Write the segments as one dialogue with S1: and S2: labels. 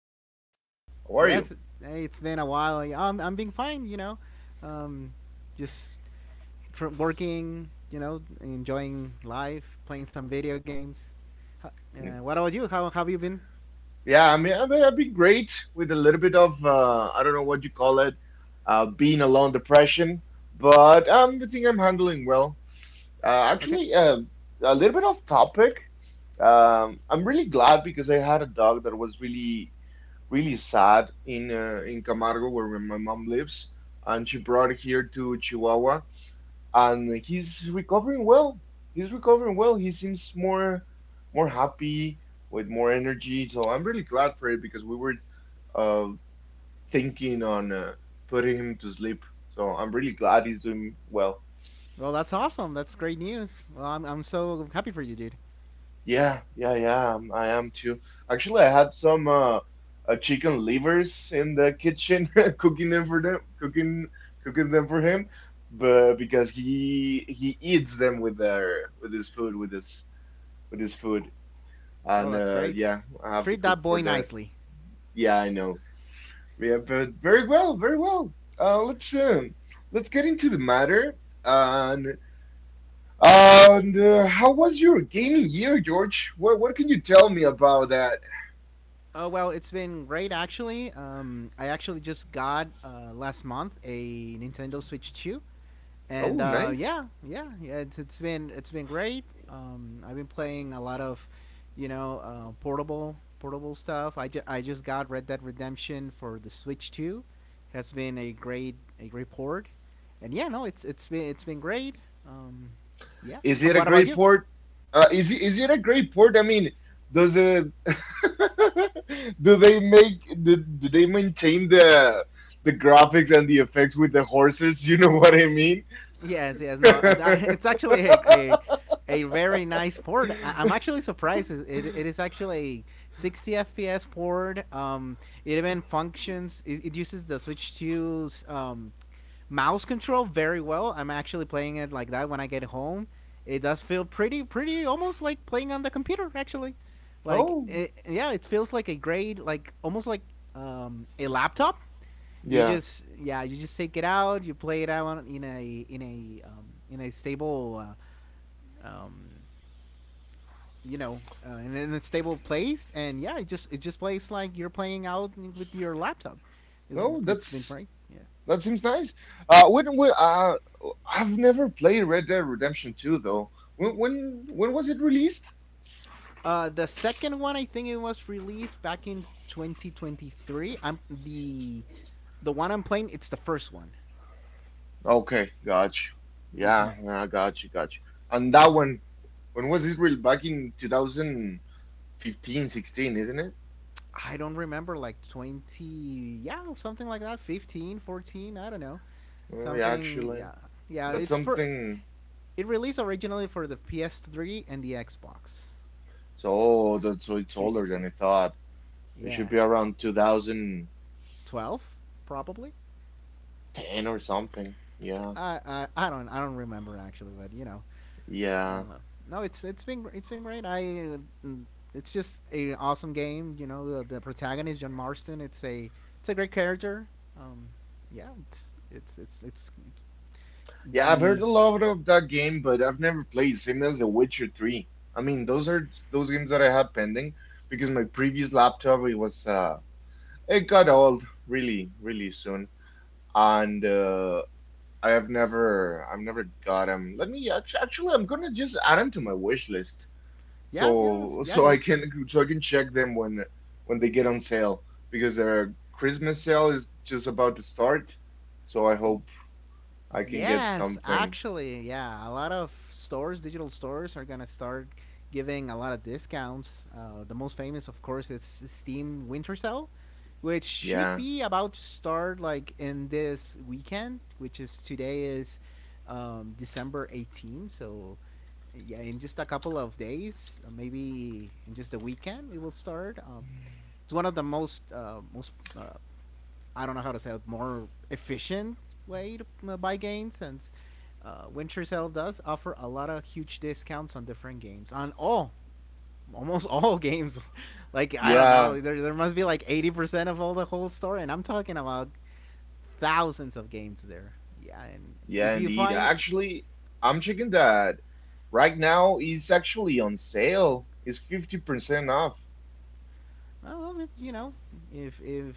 S1: talk. How are you?
S2: Yes, hey, it's been a while. Yeah, I'm being fine. You know, um, just working. You know, enjoying life, playing some video games. What about you? How have you been?
S1: Yeah, I mean, I've been great with a little bit of I don't know what you call it, being alone depression, but I think I'm handling well.
S2: Okay.
S1: Actually, a little bit off topic. I'm really glad because I had a dog that was really, really sad in Camargo where my mom lives, and she brought it here to Chihuahua, and he's recovering well. He's recovering well. He seems more happy with more energy. So I'm really glad for it because we were uh, thinking on putting him to sleep. So I'm really glad he's doing well.
S2: Well, that's awesome. That's great news. Well, I'm so happy for you, dude.
S1: Yeah, yeah, yeah. I am too. Actually, I had some chicken livers in the kitchen, cooking them for them, cooking them for him, but because he eats them with their with his food with his food.
S2: Well,
S1: And
S2: that's great.
S1: yeah, I have to
S2: Treat
S1: cook
S2: that boy
S1: for that.
S2: nicely.
S1: Yeah, I know. Yeah, but very well, very well. Let's Let's get into the matter. And and how was your gaming year, George? What can you tell me about that?
S2: Oh well, it's been great actually. I actually just got last month a Nintendo Switch 2, and
S1: Oh, nice.
S2: it's it's been great. I've been playing a lot of, you know, portable stuff. I just got Red Dead Redemption for the Switch 2. Has been a great port, and yeah, no, it's it's been great. Um, yeah,
S1: Is it a
S2: what about
S1: great
S2: you?
S1: port? Is it is it a great port? I mean, does the do they maintain the graphics and the effects with the horses? You know what I mean?
S2: Yes, No, it's actually a very nice port. I'm actually surprised. It is actually a 60 FPS port. It even functions. It uses the Switch 2's mouse control very well. I'm actually playing it like that when I get home. It does feel pretty almost like playing on the computer. Actually,
S1: Oh,
S2: yeah, it feels like a great, like almost like a laptop you
S1: yeah.
S2: just you just take it out, you play it out in a in a in a stable uh, um, you know in a stable place, and yeah, it just plays like you're playing out with your laptop. it's,
S1: No,
S2: it's been
S1: that's
S2: great, yeah.
S1: that seems nice. When I've never played Red Dead Redemption 2 though. When was it released?
S2: The second one, I think it was released back in 2023. I'm The one I'm playing, it's the first one.
S1: Okay, gotcha.
S2: Mm-hmm.
S1: Yeah, yeah, gotcha, gotcha. And that one, when was it really back in 2015, sixteen, isn't it?
S2: I don't remember, like 20, yeah, something like that, 15, 14 I don't know.
S1: Oh, yeah,
S2: Something,
S1: actually,
S2: yeah.
S1: that's something.
S2: It released originally for the PS3 and the Xbox
S1: So oh, that's so it's older
S2: 360.
S1: than I thought. It should
S2: Yeah,
S1: be around 2010
S2: 12 probably.
S1: or something. Yeah,
S2: I don't remember actually, but you know,
S1: yeah.
S2: uh, no, it's it's been great. I uh, it's just an awesome game. You know, the protagonist, John Marston. It's a great character. Um, yeah, it's
S1: Yeah, I've heard
S2: the
S1: a lot of that game, but I've never played. Same as The Witcher 3. I mean, those are those games that I have pending because my previous laptop it got old really really soon, and I've never got them. Let me actually I'm gonna just add them to my wish list
S2: yeah yeah
S1: so
S2: yeah
S1: so I
S2: dude.
S1: can check them when they get on sale because their Christmas sale is just about to start, so I
S2: Y-
S1: hope I can get
S2: Yes,
S1: something.
S2: actually, yeah. A lot of stores, digital stores, are gonna start giving a lot of discounts. The most famous, of course, is Steam Winter Sale, which should
S1: Yeah.
S2: be about to start like in this weekend, which is today is December 18th. So yeah, in just a couple of days, maybe in just a weekend, it will start. It's one of the most I don't know how to say it, more efficient way to buy games, since Winter Sale does offer a lot of huge discounts on different games, on all almost all games. Like, I don't know,
S1: Yeah,
S2: there must be like 80% of all the whole store, and I'm talking about thousands of games there. Yeah, and
S1: yeah,
S2: if you
S1: indeed.
S2: find
S1: Actually, I'm checking that right now. It's actually on sale. It's 50% off
S2: well, you know, if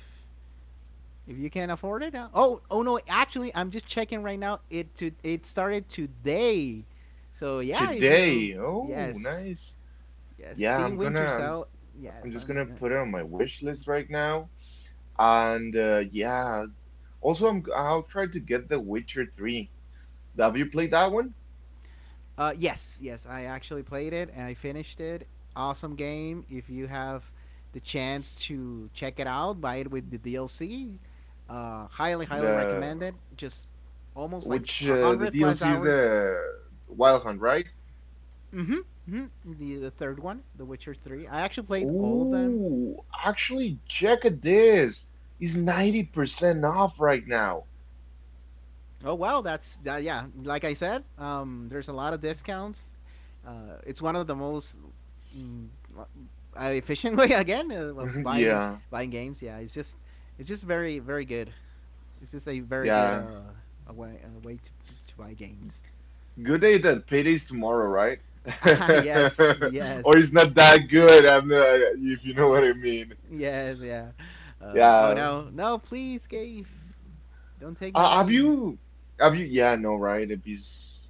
S2: if you can't afford it, oh, oh no, actually, I'm just checking right now, it started today. So yeah, if you
S1: today. Oh,
S2: yes.
S1: nice.
S2: Yes,
S1: Yeah,
S2: Steam
S1: I'm gonna
S2: Winter
S1: I'm
S2: Cell. Yes,
S1: I'm just
S2: I'm.
S1: gonna
S2: Uh,
S1: put it on my wish list right now. And yeah, also I'll try to get The Witcher 3. Have you played that one?
S2: yes, yes, I actually played it and I finished it. Awesome game. If you have the chance to check it out, buy it with the DLC. Highly
S1: The
S2: recommend it. Just almost like
S1: which
S2: a
S1: uh, the
S2: hundred plus
S1: DLC is
S2: hours.
S1: the Wild Hunt, right?
S2: Mm-hmm. Mm-hmm. The third one, The Witcher Three. I actually played all of them.
S1: Ooh, actually, check at this. It's 90% off right now.
S2: Oh wow, that's that. Yeah, like I said, there's a lot of discounts. It's one of the most mm, uh, efficient way again, of
S1: Yeah,
S2: buying games. Yeah, it's just very very good. It's just a very good
S1: yeah.
S2: a way to buy games.
S1: Good day that payday's tomorrow, right?
S2: Ah yes
S1: Or
S2: yes
S1: it's not that good, I'm not, if you know what I mean.
S2: yes, yeah. Oh
S1: Yeah.
S2: no no, please, Gabe, don't take my
S1: Uh, have
S2: money.
S1: you, yeah, no, right? If he's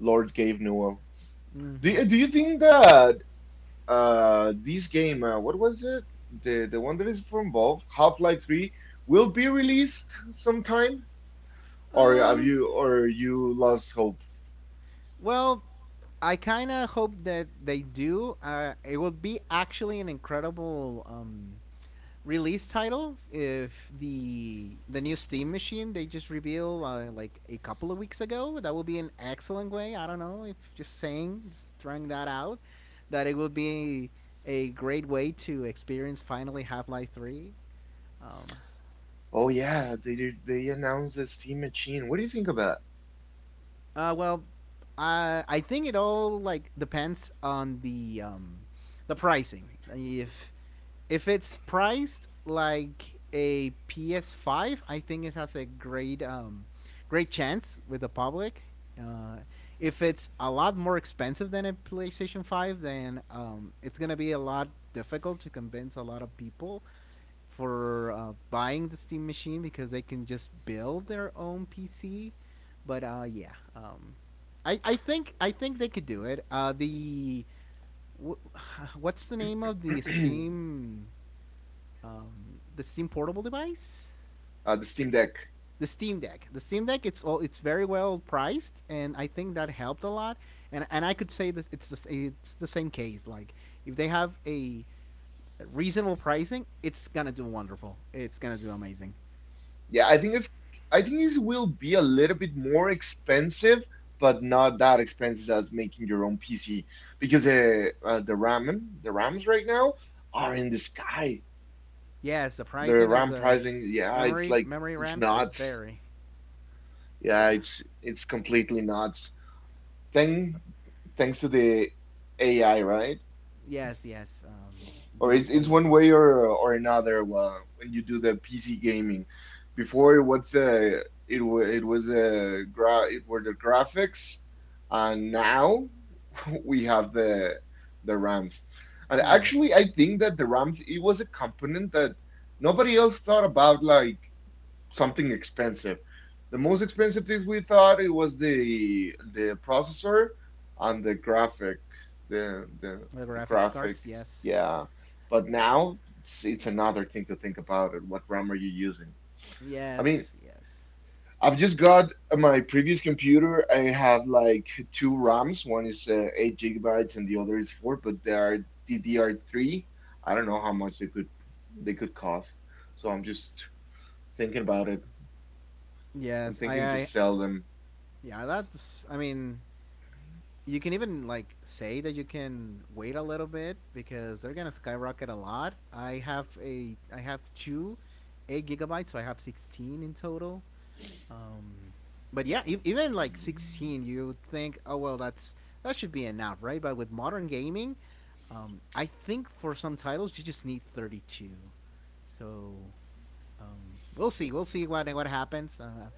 S1: Lord gave Newell.
S2: hmm
S1: Do you think that this game, what was it? The one that is from Valve, Half-Life 3, will be released sometime? Or have
S2: Um,
S1: you or you lost hope?
S2: Well, I kind of hope that they do. It would be actually an incredible release title if the new Steam machine they just reveal, like a couple of weeks ago. That would be an excellent way. I don't know, if just saying, just throwing that out, that it would be a great way to experience finally Half Life Three. Um,
S1: Oh yeah, they announced the Steam Machine. What do you think about
S2: Well, I think it all like depends on the pricing. If it's priced like a PS5, I think it has a great great chance with the public. Uh, if it's a lot more expensive than a PlayStation 5, then it's gonna be a lot difficult to convince a lot of people for buying the Steam machine, because they can just build their own PC. But I think they could do it. Wh- what's the name of the
S1: uh,
S2: Steam, the Steam portable device?
S1: the Steam Deck?
S2: The Steam Deck. The Steam Deck. It's all. It's very well priced, and I think that helped a lot. And I could say this. It's the same case. Like, if they have a reasonable pricing, it's gonna do wonderful. It's gonna do amazing.
S1: Yeah, I think it will be a little bit more expensive, but not that expensive as making your own PC because the RAMs right now are in the sky.
S2: Yes, the
S1: The
S2: pricing of
S1: RAM
S2: the
S1: pricing, yeah, it's
S2: memory
S1: like
S2: memory
S1: it's
S2: ramps are
S1: nuts.
S2: very.
S1: Yeah,
S2: Yeah.
S1: it's completely nuts. Thank thanks to the AI, right?
S2: Yes.
S1: Or
S2: The
S1: it's one
S2: AI.
S1: way or another when you do the PC gaming. Before it was the it were the graphics, and now we have the RAMs. And
S2: Yes.
S1: actually, I think that the RAMs it was a component that nobody else thought about. Like something expensive. The most expensive things we thought it was the processor and the graphic, the the
S2: The
S1: the
S2: graphics
S1: graphic,
S2: cards. Yes.
S1: yeah. But
S2: Yeah.
S1: now it's another thing to think about it. What RAM are you using? I mean,
S2: Yes. Yes.
S1: I've just got my previous computer. I had like two RAMs. One is 8 GB and the other is four, but they are DDR3. I don't know how much they could cost. So I'm just thinking about it. I'm
S2: Yes. I.
S1: thinking to
S2: I.
S1: sell them.
S2: Yeah. That's. I mean, you can even like say that you can wait a little bit, because they're gonna skyrocket a lot. I have a. I have two, 8 gigabytes, so I have 16 in total. Um, but Yeah, even like 16, you think, oh well, that's that should be enough, right? But with modern gaming, I think for some titles you just need 32. So um, we'll see. We'll see what happens.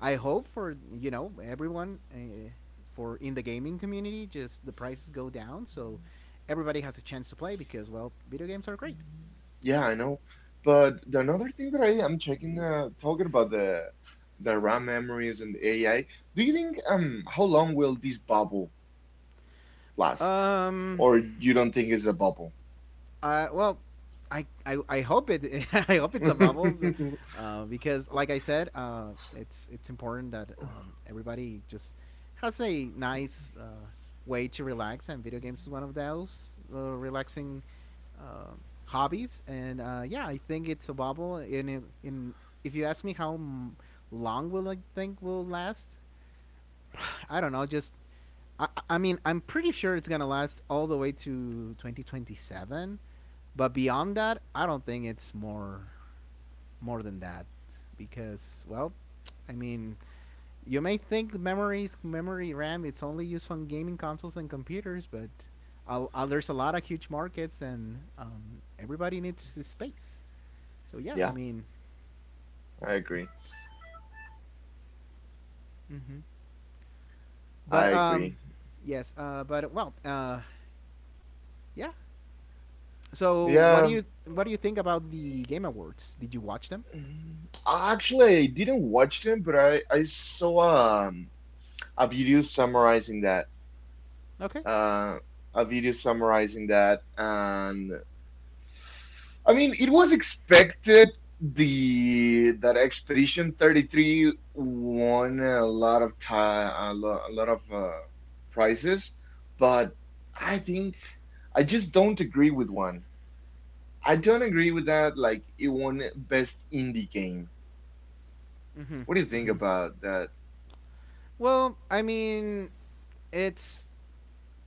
S2: I hope for, you know, everyone, for in the gaming community, just the prices go down, so everybody has a chance to play, because well, video games are great.
S1: Yeah, I know. But the another thing that I am checking, talking about the RAM memories and the AI, do you think how long will this bubble last?
S2: Um,
S1: Or you don't think it's a bubble?
S2: Well, I hope it, I hope it's a bubble, because like I said, it's important that everybody just has a nice way to relax, and video games is one of those relaxing uh, hobbies. And yeah, I think it's a bubble. If you ask me how long will I think will last, I don't know. Just, I mean, I'm pretty sure it's gonna last all the way to 2027, but beyond that, I don't think it's more more than that because, well, I mean, you may think memories memory RAM it's only used on gaming consoles and computers, but there's a lot of huge markets, and everybody needs space. So yeah,
S1: Yeah,
S2: I mean,
S1: I agree.
S2: mhm.
S1: I
S2: but
S1: agree.
S2: yes, but well, yeah, So
S1: Yeah,
S2: what do you think about the Game Awards? Did you watch them?
S1: mm, actually, I didn't watch them, but I saw um a video summarizing that.
S2: Okay.
S1: Uh, a video summarizing that, and I mean, it was expected the that Expedition 33 won a lot of time, a lot of prizes, but I think I just don't agree with one. I don't agree with that. Like it won best indie game.
S2: Mm-hmm.
S1: What do you think
S2: Mm-hmm.
S1: about that?
S2: Well, I mean, it's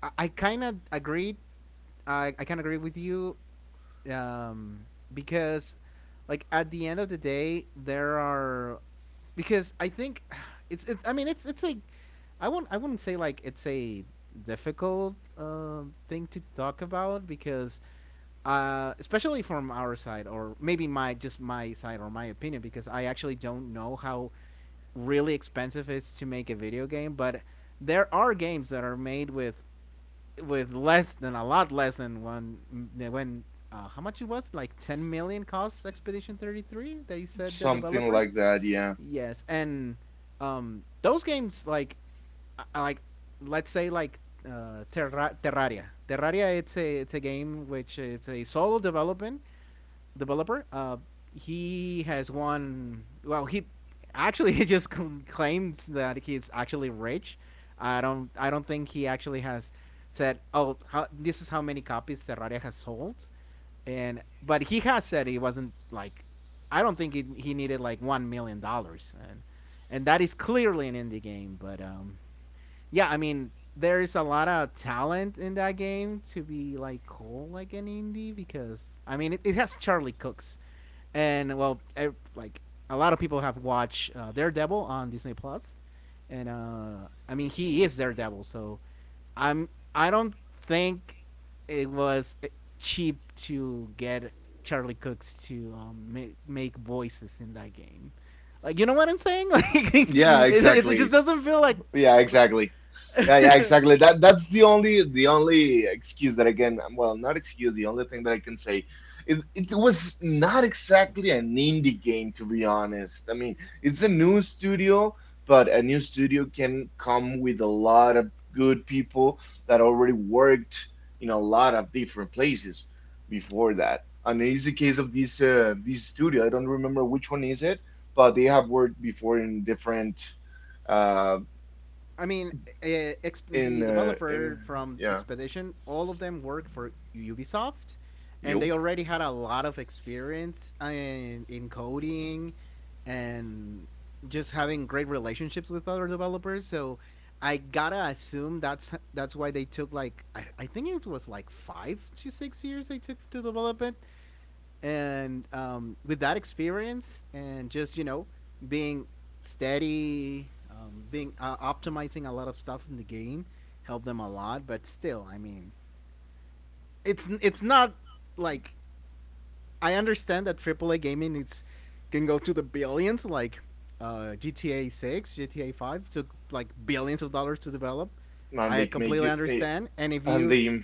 S2: I kind of agreed. I kind of agree with you, um, because like at the end of the day, there are, because I think it's it's. I mean, it's like, I wouldn't say like it's a difficult thing to talk about, because especially from our side, or maybe my side or my opinion, because I actually don't know how really expensive it is to make a video game, but there are games that are made with less than, a lot less than one, when, how much it was, like 10 million cost Expedition 33, they said, the
S1: Something
S2: developers.
S1: like that, yeah.
S2: Yes, and those games like, uh, like let's say like, terraria it's a game which is a solo development developer. He has won. Well, he actually he just claims that he's actually rich. I don't think he actually has said, "Oh, how, this is how many copies Terraria has sold," and but he has said he wasn't like. I don't think he needed like $1 million, and that is clearly an indie game. But yeah, I mean, there is a lot of talent in that game to be like cool like an indie, because I mean it has Charlie Cooks, and well, like a lot of people have watched Daredevil on Disney Plus, and I mean he is Daredevil, so I'm I don't think it was cheap to get Charlie Cooks to make voices in that game. Like, you know what I'm saying? Like,
S1: Yeah,
S2: it just
S1: exactly.
S2: doesn't feel like
S1: Yeah, exactly. Yeah, yeah, exactly. That's the only excuse that I can, well, not excuse, the only thing that I can say is it was not exactly an indie game, to be honest. I mean, it's a new studio, but a new studio can come with a lot of good people that already worked in a lot of different places before that. And it's the case of this this studio. I don't remember which one is it, but they have worked before in different uh
S2: I mean, the
S1: in
S2: developer from
S1: yeah
S2: Expedition, all of them work for Ubisoft, and they
S1: job
S2: already had a lot of experience in coding, and just having great relationships with other developers. So I gotta assume that's why they took like I think it was like 5 to 6 years they took to develop it, and with that experience and just you know being steady, being optimizing a lot of stuff in the game helped them a lot. But still, I mean, it's not like, I understand that aaa gaming it's can go to the billions, like gta 6 gta 5 took like billions of dollars to develop.
S1: and
S2: I
S1: they make
S2: completely
S1: it they
S2: understand. And if
S1: and
S2: you
S1: they on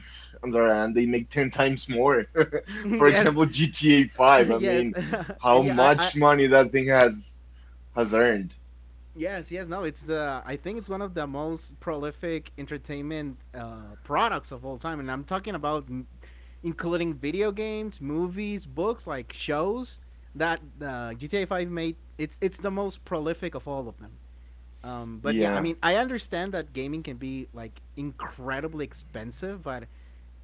S1: the other hand they make 10 times more for
S2: yes
S1: example GTA 5, I
S2: yes
S1: mean, how
S2: and yeah, I
S1: much money that thing has earned.
S2: yes, yes, no. It's the, I think it's one of the most prolific entertainment products of all time, and I'm talking about including video games, movies, books, like shows that GTA Five made. It's the most prolific of all of them. But yeah, I
S1: Yeah.
S2: mean, I understand that gaming can be like incredibly expensive, but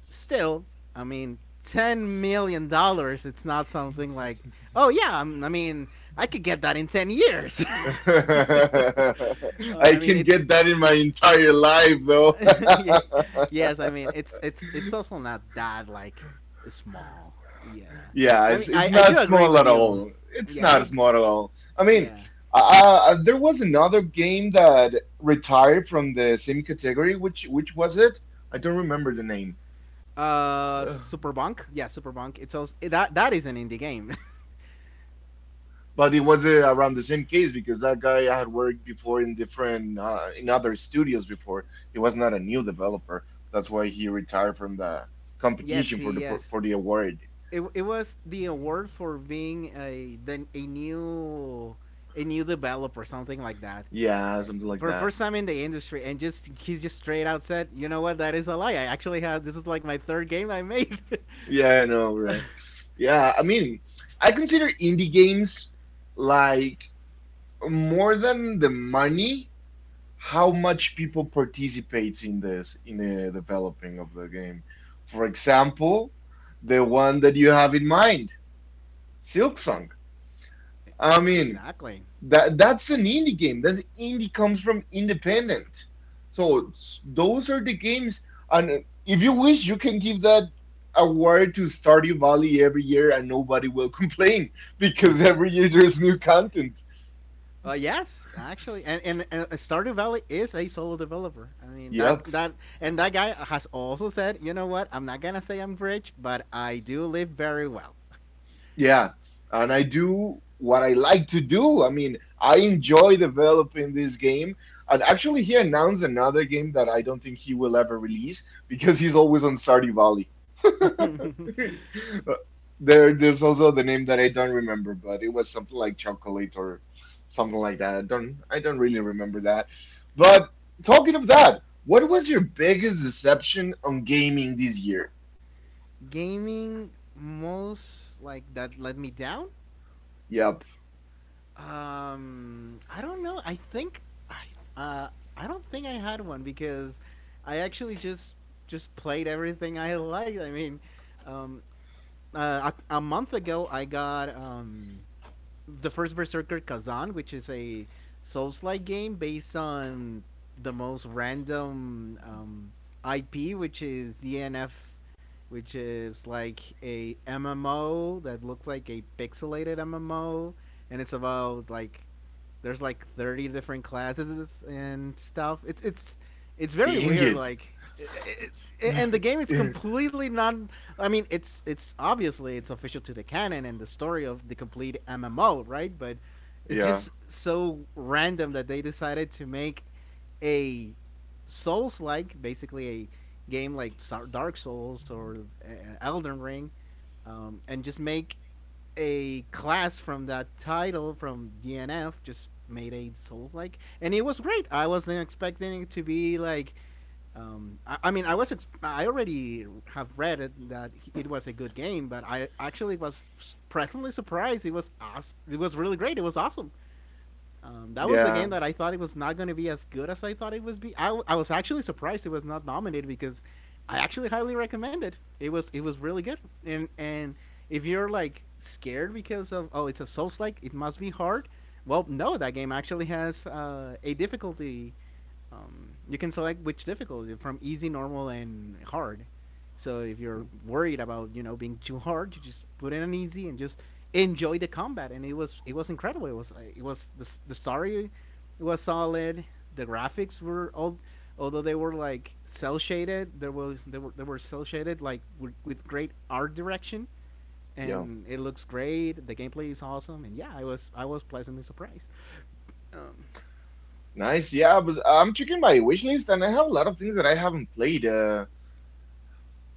S2: still, I mean, $10 million. It's not something like, oh yeah, I mean, I could get that in 10 years.
S1: I
S2: uh, I mean,
S1: can
S2: it's
S1: get that in my entire life though.
S2: yeah, yes. I mean, it's also not that like small. Yeah.
S1: Yeah,
S2: I mean,
S1: it's
S2: I
S1: not
S2: do agree
S1: small at
S2: with you.
S1: all. It's
S2: Yeah,
S1: not
S2: I
S1: small at all. I mean,
S2: yeah.
S1: there was another game that retired from the same category. Which was it? I don't remember the name. Ugh.
S2: Superbunk. Yeah, Superbunk. It's also that is an indie game.
S1: But it was around the same case because that guy had worked before in different in other studios before. He was not a new developer. That's why he retired from the
S2: yes,
S1: competition for
S2: see, yes.
S1: for the award.
S2: It was the award for being a then a new, a new developer, something like that.
S1: Yeah,
S2: Uh,
S1: something like
S2: For
S1: that.
S2: first time in the industry, and just he's just straight out said, "You know what? That is a lie. I actually have, this is like my third game I made."
S1: Yeah, I know, right? Yeah, I mean, I consider indie games like more than the money, how much people participates in this in the developing of the game. For example, the one that you have in mind, Silksong. I mean,
S2: exactly.
S1: that that's an indie game. That's indie comes from independent. So those are the games. And if you wish, you can give that award to Stardew Valley every year, and nobody will complain because every year there's new content.
S2: Yes, actually, and Stardew Valley is a solo developer. I mean, that
S1: Yep.
S2: that and that guy has also said, you know what? I'm not gonna say I'm rich, but I do live very well.
S1: Yeah. And I do what I like to do. I mean, I enjoy developing this game. And actually, he announced another game that I don't think he will ever release because he's always on Stardew Valley. Uh, there, there's also the name that I don't remember, but it was something like chocolate or something like that. I don't really remember that. But talking of that, what was your biggest deception on gaming this year?
S2: Gaming most like that let me down.
S1: Yep,
S2: I don't know. I think I uh I don't think I had one because I actually just played everything I liked. I mean, um, a month ago I got the first Berserker Kazan, which is a Souls-like game based on the most random, IP, which is DNF, which is like a MMO that looks like a pixelated MMO, and it's about like there's like 30 different classes and stuff. It's very
S1: dang
S2: weird,
S1: it.
S2: like it, and the game is completely not, I mean, it's obviously, it's official to the canon and the story of the complete mmo, right? But it's
S1: Yeah,
S2: just so random that they decided to make a souls like, basically a game like Dark Souls or uh, Elden Ring, and just make a class from that title from DNF. Just made a Souls like, and it was great. I wasn't expecting it to be like. I mean, I was I already have read it, that it was a good game, but I actually was pleasantly surprised. It was awesome. It was really great. It was awesome. That was the
S1: yeah,
S2: game that I thought it was not going to be as good as I thought it was be. I was actually surprised it was not nominated because I actually highly recommend it. It was really good. And if you're like scared because of, oh it's a Souls like, it must be hard, well no, that game actually has a difficulty. You can select which difficulty, from easy, normal, and hard. So if you're worried about you know being too hard, you just put in an easy and just enjoy the combat. And it was incredible. It was the story, it was solid. The graphics were all, although they were like cell shaded. There was they were cell shaded like with great art direction,
S1: yeah.
S2: and it looks great. The gameplay is awesome, and yeah, I was pleasantly surprised. Um,
S1: Nice. Yeah, but I'm checking my wish list and I have a lot of things that I haven't played. Uh,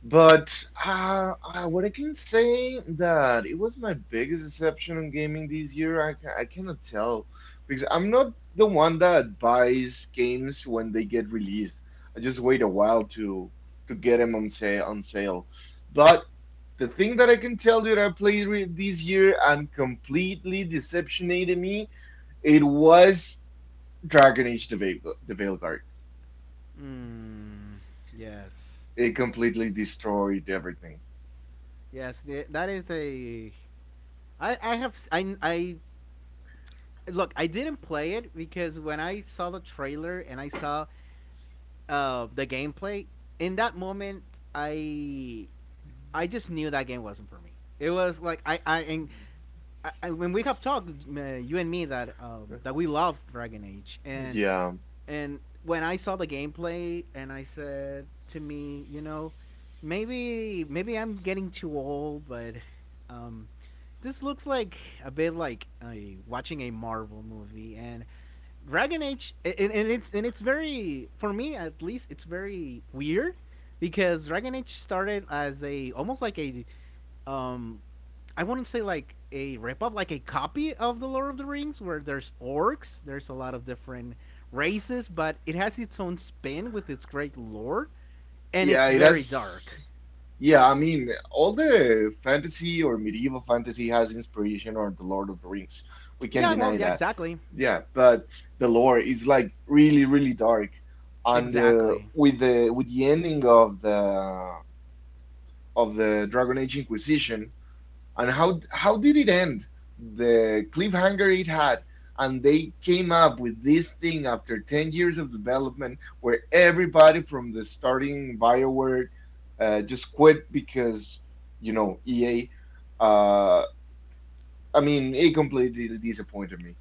S1: But uh, uh, what I can say that it was my biggest deception on gaming this year. I cannot tell because I'm not the one that buys games when they get released. I just wait a while to get them on sale on sale. But the thing that I can tell you that I played re this year and completely deceptionated me, it was Dragon Age: the Veilguard.
S2: mm, yes,
S1: It completely destroyed everything.
S2: yes, that is a I look. I didn't play it because when I saw the trailer and I saw the gameplay in that moment, I I just knew that game wasn't for me. It was like
S1: Mhm.
S2: when we have talked, you and me, that that we love Dragon Age,
S1: Yeah.
S2: and when I saw the gameplay, and I said to me, you know, maybe I'm getting too old, but um, this looks like a bit like a, watching a Marvel movie, and Dragon Age, and it's very, for me at least, it's very weird because Dragon Age started as a, almost like a, um I wouldn't say like a ripoff, like a copy of the Lord of the Rings, where there's orcs, there's a lot of different races, but it has its own spin with its great lore, and
S1: Yeah,
S2: it's
S1: it
S2: very
S1: has.
S2: dark.
S1: Yeah, I mean, all the fantasy or medieval fantasy has inspiration or the Lord of the Rings. We can't
S2: Yeah, well,
S1: deny
S2: yeah,
S1: that.
S2: exactly,
S1: Yeah, but the lore is like really, really dark. And
S2: exactly.
S1: with the ending of the Dragon Age Inquisition, and how did it end? The cliffhanger it had, and they came up with this thing after 10 years of development where everybody from the starting BioWare just quit because, you know, EA. Uh, I mean, it completely disappointed me.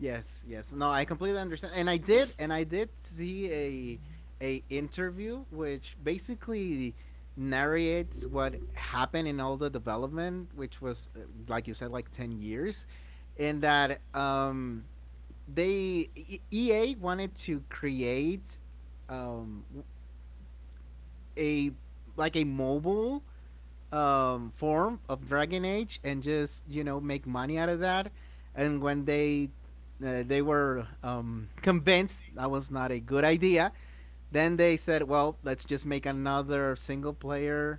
S2: Yes, yes. No, I completely understand. And I did see a interview which basically narrates what happened in all the development, which was like you said, like 10 years. And that they EA wanted to create um a like a mobile, form of Dragon Age and just you know make money out of that. And when they were convinced that was not a good idea, then they said, well, let's just make another single player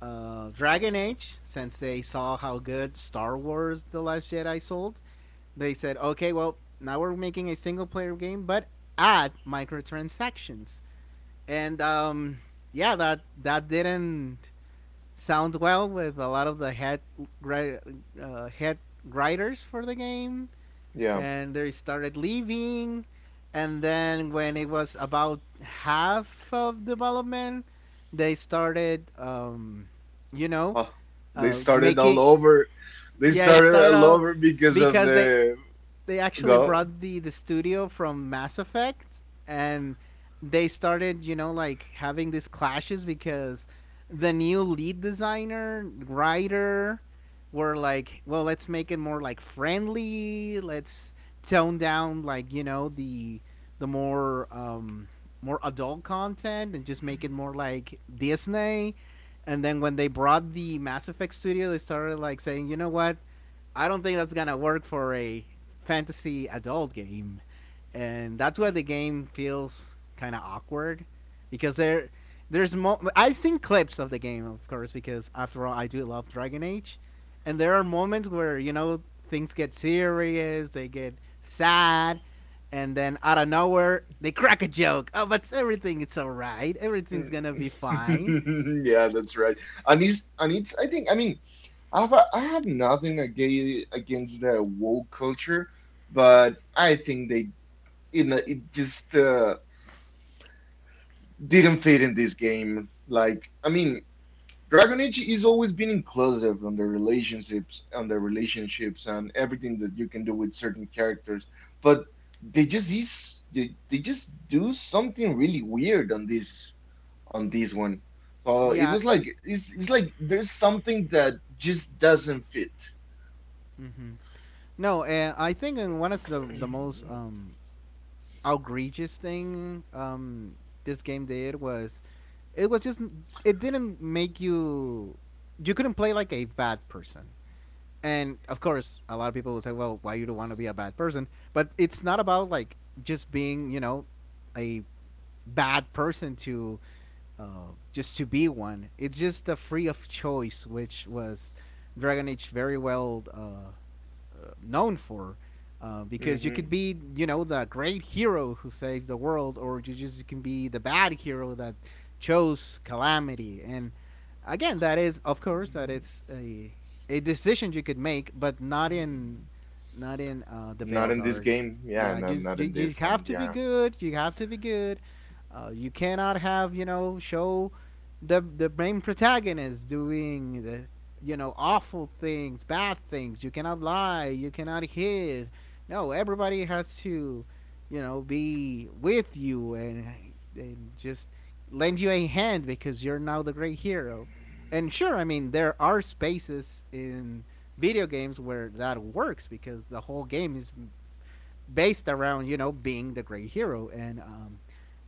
S2: Dragon Age since they saw how good Star Wars: The Last Jedi sold. They said, okay, well, now we're making a single player game, but add microtransactions. And Yeah, that didn't sound well with a lot of the head ri- head writers for the game,
S1: Yeah.
S2: and they started leaving. And then when it was about half of development, they started, you know,
S1: Huh. They started all
S2: making,
S1: over. They
S2: yeah, it
S1: started
S2: started
S1: all
S2: out
S1: over because of
S2: because
S1: the
S2: they actually
S1: go.
S2: brought the studio from Mass Effect, and they started, you know, like having these clashes because the new lead designer, writer were like, well, let's make it more like friendly, let's tone down like, you know, the more more adult content and just make it more like Disney. And then when they brought the Mass Effect studio, they started like saying, you know what? I don't think that's gonna work for a fantasy adult game, and that's why the game feels kind of awkward because there's I've seen clips of the game, of course, because after all, I do love Dragon Age, and there are moments where you know things get serious, they get sad, and then out of nowhere they crack a joke. Oh, but everything it's all right. Everything's gonna be fine.
S1: Yeah, that's right. And it's I think I have nothing against the woke culture, but I think they you know it just didn't fit in this game. Dragon Age is always been inclusive on the relationships, and everything that you can do with certain characters. But they just do something really weird on this one. So it
S2: Yeah.
S1: was like it's like there's something that just doesn't fit.
S2: Hmm. No, I think one of the most outrageous thing, this game did was, it was just it didn't make you, you couldn't play like a bad person. And of course, a lot of people will say, "Well, why you don't want to be a bad person?" But it's not about like just being, you know, a bad person to just to be one. It's just the free of choice, which was Dragon Age very well known for. Because you could
S1: hmm
S2: be, you know, the great hero who saved the world, or you just you can be the bad hero that chose calamity. And again, that is, of course, that is a decision you could make, but not in, not in the
S1: Not
S2: Veil
S1: in this
S2: Guard.
S1: game. Yeah,
S2: Yeah,
S1: no,
S2: just
S1: not
S2: you,
S1: in
S2: you
S1: this one.
S2: have to be
S1: Yeah.
S2: good. You have to be good. You cannot have you know show the main protagonist doing the you know awful things, bad things. You cannot lie, you cannot hid, no, everybody has to, you know, be with you, and just lend you a hand because you're now the great hero. And sure, I mean, there are spaces in video games where that works because the whole game is based around you know being the great hero. And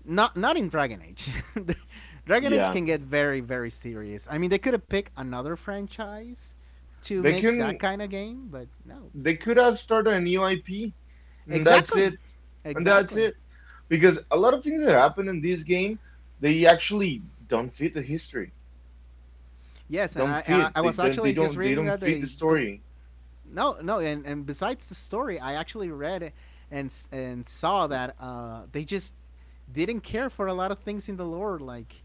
S2: Not not in Dragon Age. Dragon Age
S1: Yeah.
S2: can get very very serious. I mean, they could have picked another franchise to
S1: They
S2: make that
S1: can
S2: kind of game, but no.
S1: they could have started a new IP. And that's
S2: Exactly,
S1: it. And that's
S2: exactly.
S1: it. Because a lot of things that happen in this game, they actually don't fit the history.
S2: Yes, and
S1: Don't fit.
S2: I
S1: They
S2: was
S1: don't they
S2: actually just
S1: don't they
S2: reading that
S1: don't fit the
S2: they
S1: story.
S2: no, no, and besides the story, I actually read and saw that they just didn't care for a lot of things in the lore. Like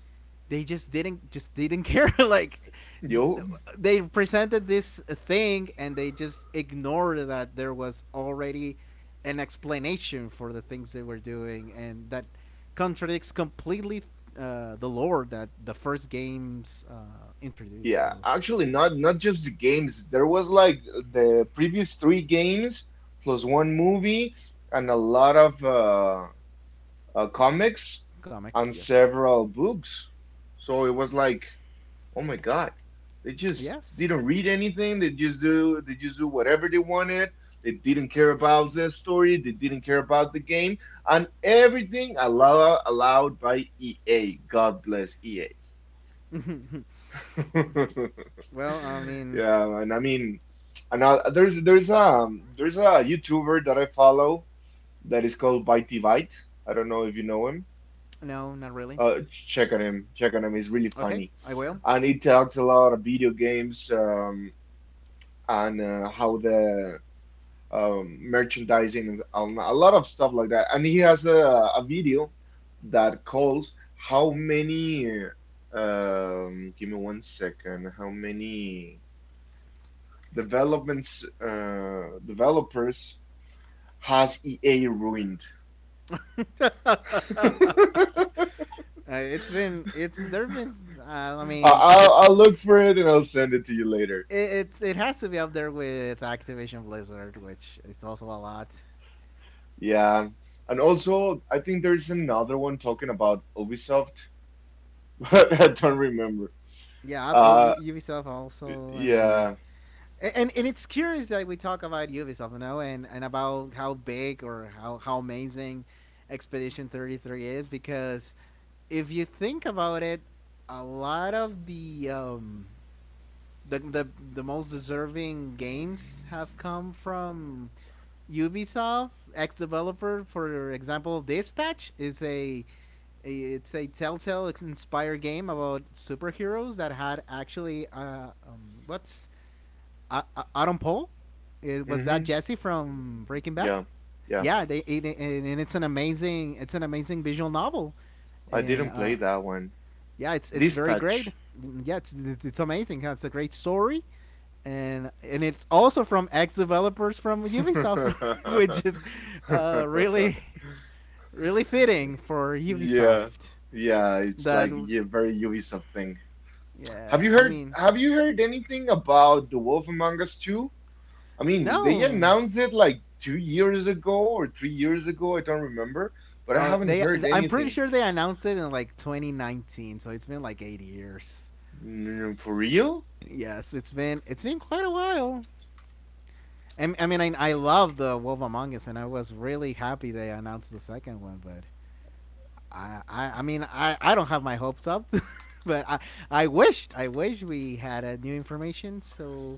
S2: they just didn't care. like th-
S1: Yo.
S2: they presented this thing and they just ignored that there was already an explanation for the things they were doing, and that contradicts completely the lore that the first games introduced.
S1: Yeah,
S2: So
S1: actually not just the games. There was like the previous three games plus one movie and a lot of comics
S2: comics,
S1: and
S2: yes,
S1: several books. So it was like, oh my God, they just
S2: yes.
S1: didn't read anything. They just do whatever they wanted. They didn't care about the story. They didn't care about the game and everything allowed by EA. God bless EA.
S2: Well, I mean,
S1: Yeah, and I mean, there's there's a YouTuber that I follow that is called Bitey Byte. I don't know if you know him.
S2: no, not really.
S1: Uh, Check on him. He's really
S2: Okay,
S1: funny,
S2: I will.
S1: and he talks a lot of video games and how the merchandising and a lot of stuff like that. And he has a video that calls how many. Give me 1 second. How many developments developers has EA ruined? I-
S2: It's been it's there've been uh, I mean,
S1: I'll I'll look for it and I'll send it to you later.
S2: it has to be up there with Activision Blizzard, which is also a lot.
S1: Yeah. And also, I think there's another one talking about Ubisoft, but I don't remember.
S2: Yeah, oh,
S1: Uh,
S2: Ubisoft also. I mean,
S1: yeah.
S2: and it's curious that we talk about Ubisoft, you know, and about how big or how amazing Expedition 33 is because if you think about it, a lot of the the the most deserving games have come from Ubisoft, ex developer. For example, Dispatch is a Telltale inspired game about superheroes that had actually what's Adam Paul? Was that
S1: Mm-hmm.
S2: Jesse from Breaking Bad?
S1: Yeah. Yeah.
S2: Yeah, they it, it, and it's an amazing visual novel,
S1: I
S2: and
S1: didn't play that one.
S2: yeah, it's very great.
S1: Dispatch.
S2: Yeah, it's amazing. Yeah, it's a great story and it's also from ex developers from Ubisoft, which is really really fitting for
S1: Yeah.
S2: Ubisoft.
S1: Yeah, it's
S2: That
S1: like yeah, very Ubisoft thing.
S2: Yeah, I mean,
S1: Have you heard anything about The Wolf Among Us 2? I mean, they
S2: no,
S1: announced it like 2 years ago or 3 years ago, I don't remember, but I haven't
S2: they
S1: heard
S2: I'm pretty
S1: anything.
S2: sure they announced it in like 2019, so it's been like 8 years.
S1: Mm, for real?
S2: Yes, it's been quite a while. And I mean, I love The Wolf Among Us, and I was really happy they announced the second one, but I mean, I don't have my hopes up, but I wish we had a new information so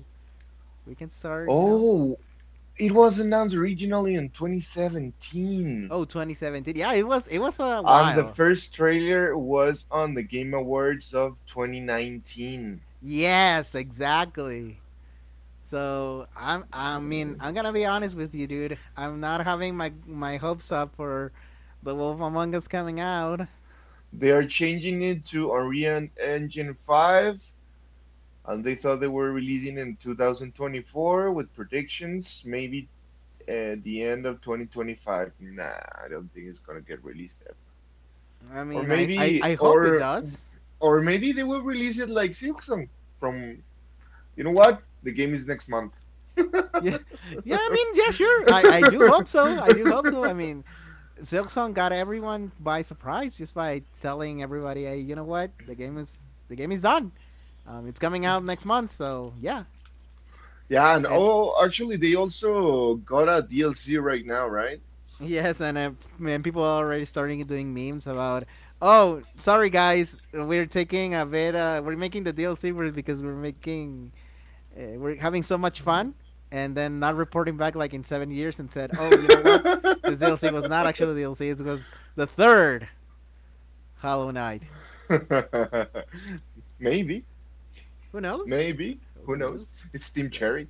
S2: we can start.
S1: Oh, it was announced originally in 2017.
S2: Oh, 2017. Yeah, it was a
S1: And the
S2: while.
S1: first trailer was on the Game Awards of 2019.
S2: Yes, exactly. So, I mean, I'm gonna be honest with you, dude. I'm not having my hopes up for The Wolf Among Us coming out.
S1: They are changing it to Unreal Engine 5, and they thought they were releasing in 2024 with predictions maybe at the end of 2025. Nah, I don't think it's gonna get released ever.
S2: I
S1: Or
S2: mean,
S1: maybe,
S2: I hope it
S1: or
S2: does.
S1: or maybe they will release it like Silksong from. You know what? The game is next month.
S2: Yeah, yeah. I mean, yeah, sure. I do hope so. I do hope so. I mean, Silksong got everyone by surprise just by telling everybody, "Hey, you know what? The game is done. It's coming out next month." So yeah,
S1: Yeah, and
S2: and
S1: oh, actually, they also got a DLC right now, right?
S2: yes, and man, people are already starting doing memes about, "Oh, sorry guys, we're taking a bit. We're making the DLC it because we're making we're having so much fun." And then not reporting back like in 7 years and said, "Oh, you know what? This DLC was not actually DLC. It was the third Hollow Knight."
S1: Maybe,
S2: Who knows?
S1: maybe. Who
S2: Who-
S1: knows?
S2: knows?
S1: It's Team
S2: Yeah,
S1: Cherry.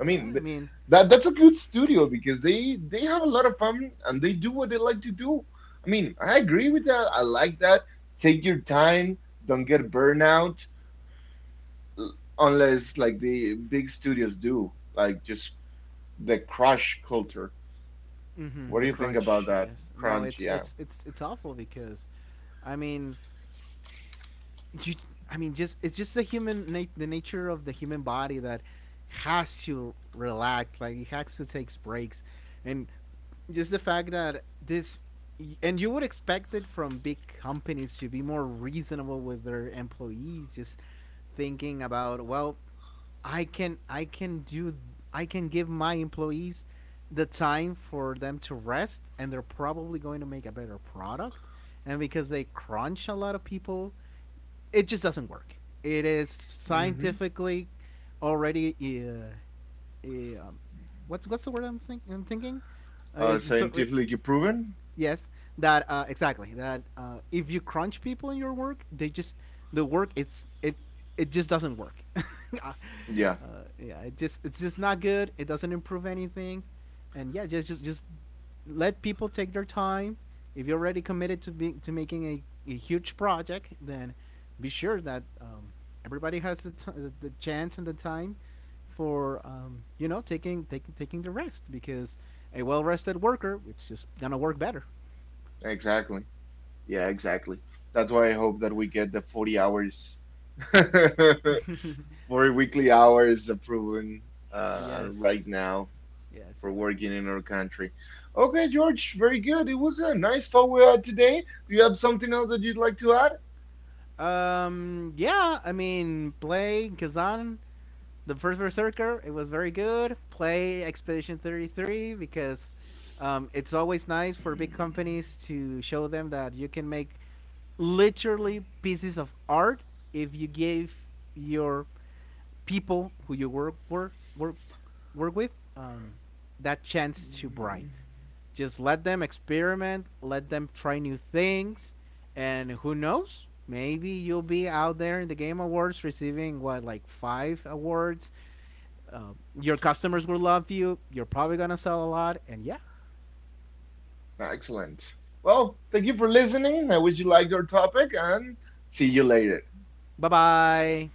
S1: I mean,
S2: I
S1: th
S2: mean,
S1: that that's a good studio because they have a lot of fun and they do what they like to do. I mean, I agree with that. I like that. Take your time. Don't get burnout. Unless like the big studios do, like just the crunch culture. What do
S2: the
S1: you think about
S2: crunch.
S1: that?
S2: Yes. No,
S1: Crunch, yeah.
S2: it's awful because, I mean, you. I mean, just it's just the the nature of the human body that has to relax. Like it has to takes breaks, and just the fact that this, and you would expect it from big companies to be more reasonable with their employees, just thinking about, well, I can do, I can give my employees the time for them to rest, and they're probably going to make a better product. And because they crunch a lot of people, it just doesn't work. It is
S1: hmm
S2: scientifically already what's the word I'm, I'm thinking, uh, it's alre-
S1: Scientifically proven?
S2: yes, that exactly, that if you crunch people in your work, they just, the work it's it it just doesn't work. uh,
S1: Yeah,
S2: yeah, it just, it's just not good, it doesn't improve anything. And yeah, just let people take their time. If you're already committed to be to making a huge project, then be sure that everybody has the chance and the time for, taking the rest because a well rested worker, it's just gonna work better.
S1: exactly. Yeah, exactly. That's why I hope that we get the 40 hours, 40 weekly hours approved right
S2: Yes,
S1: now
S2: yes,
S1: for
S2: yes.
S1: working in our country. Okay, George, very good. It was a nice talk we had today. Do you have something else that you'd like to add?
S2: Yeah, I mean, play Kazan, the first Berserker. It was very good. Play Expedition 33 because it's always nice for big companies to show them that you can make literally pieces of art if you give your people who you work with, that chance to
S1: Mm.
S2: bright. Just let them experiment, let them try new things, and who knows? Maybe you'll be out there in the Game Awards receiving, what, like five awards. Uh, your customers will love you. You're probably gonna sell a lot, and yeah.
S1: Excellent. Well, thank you for listening. I wish you liked our topic and see you later.
S2: Bye bye.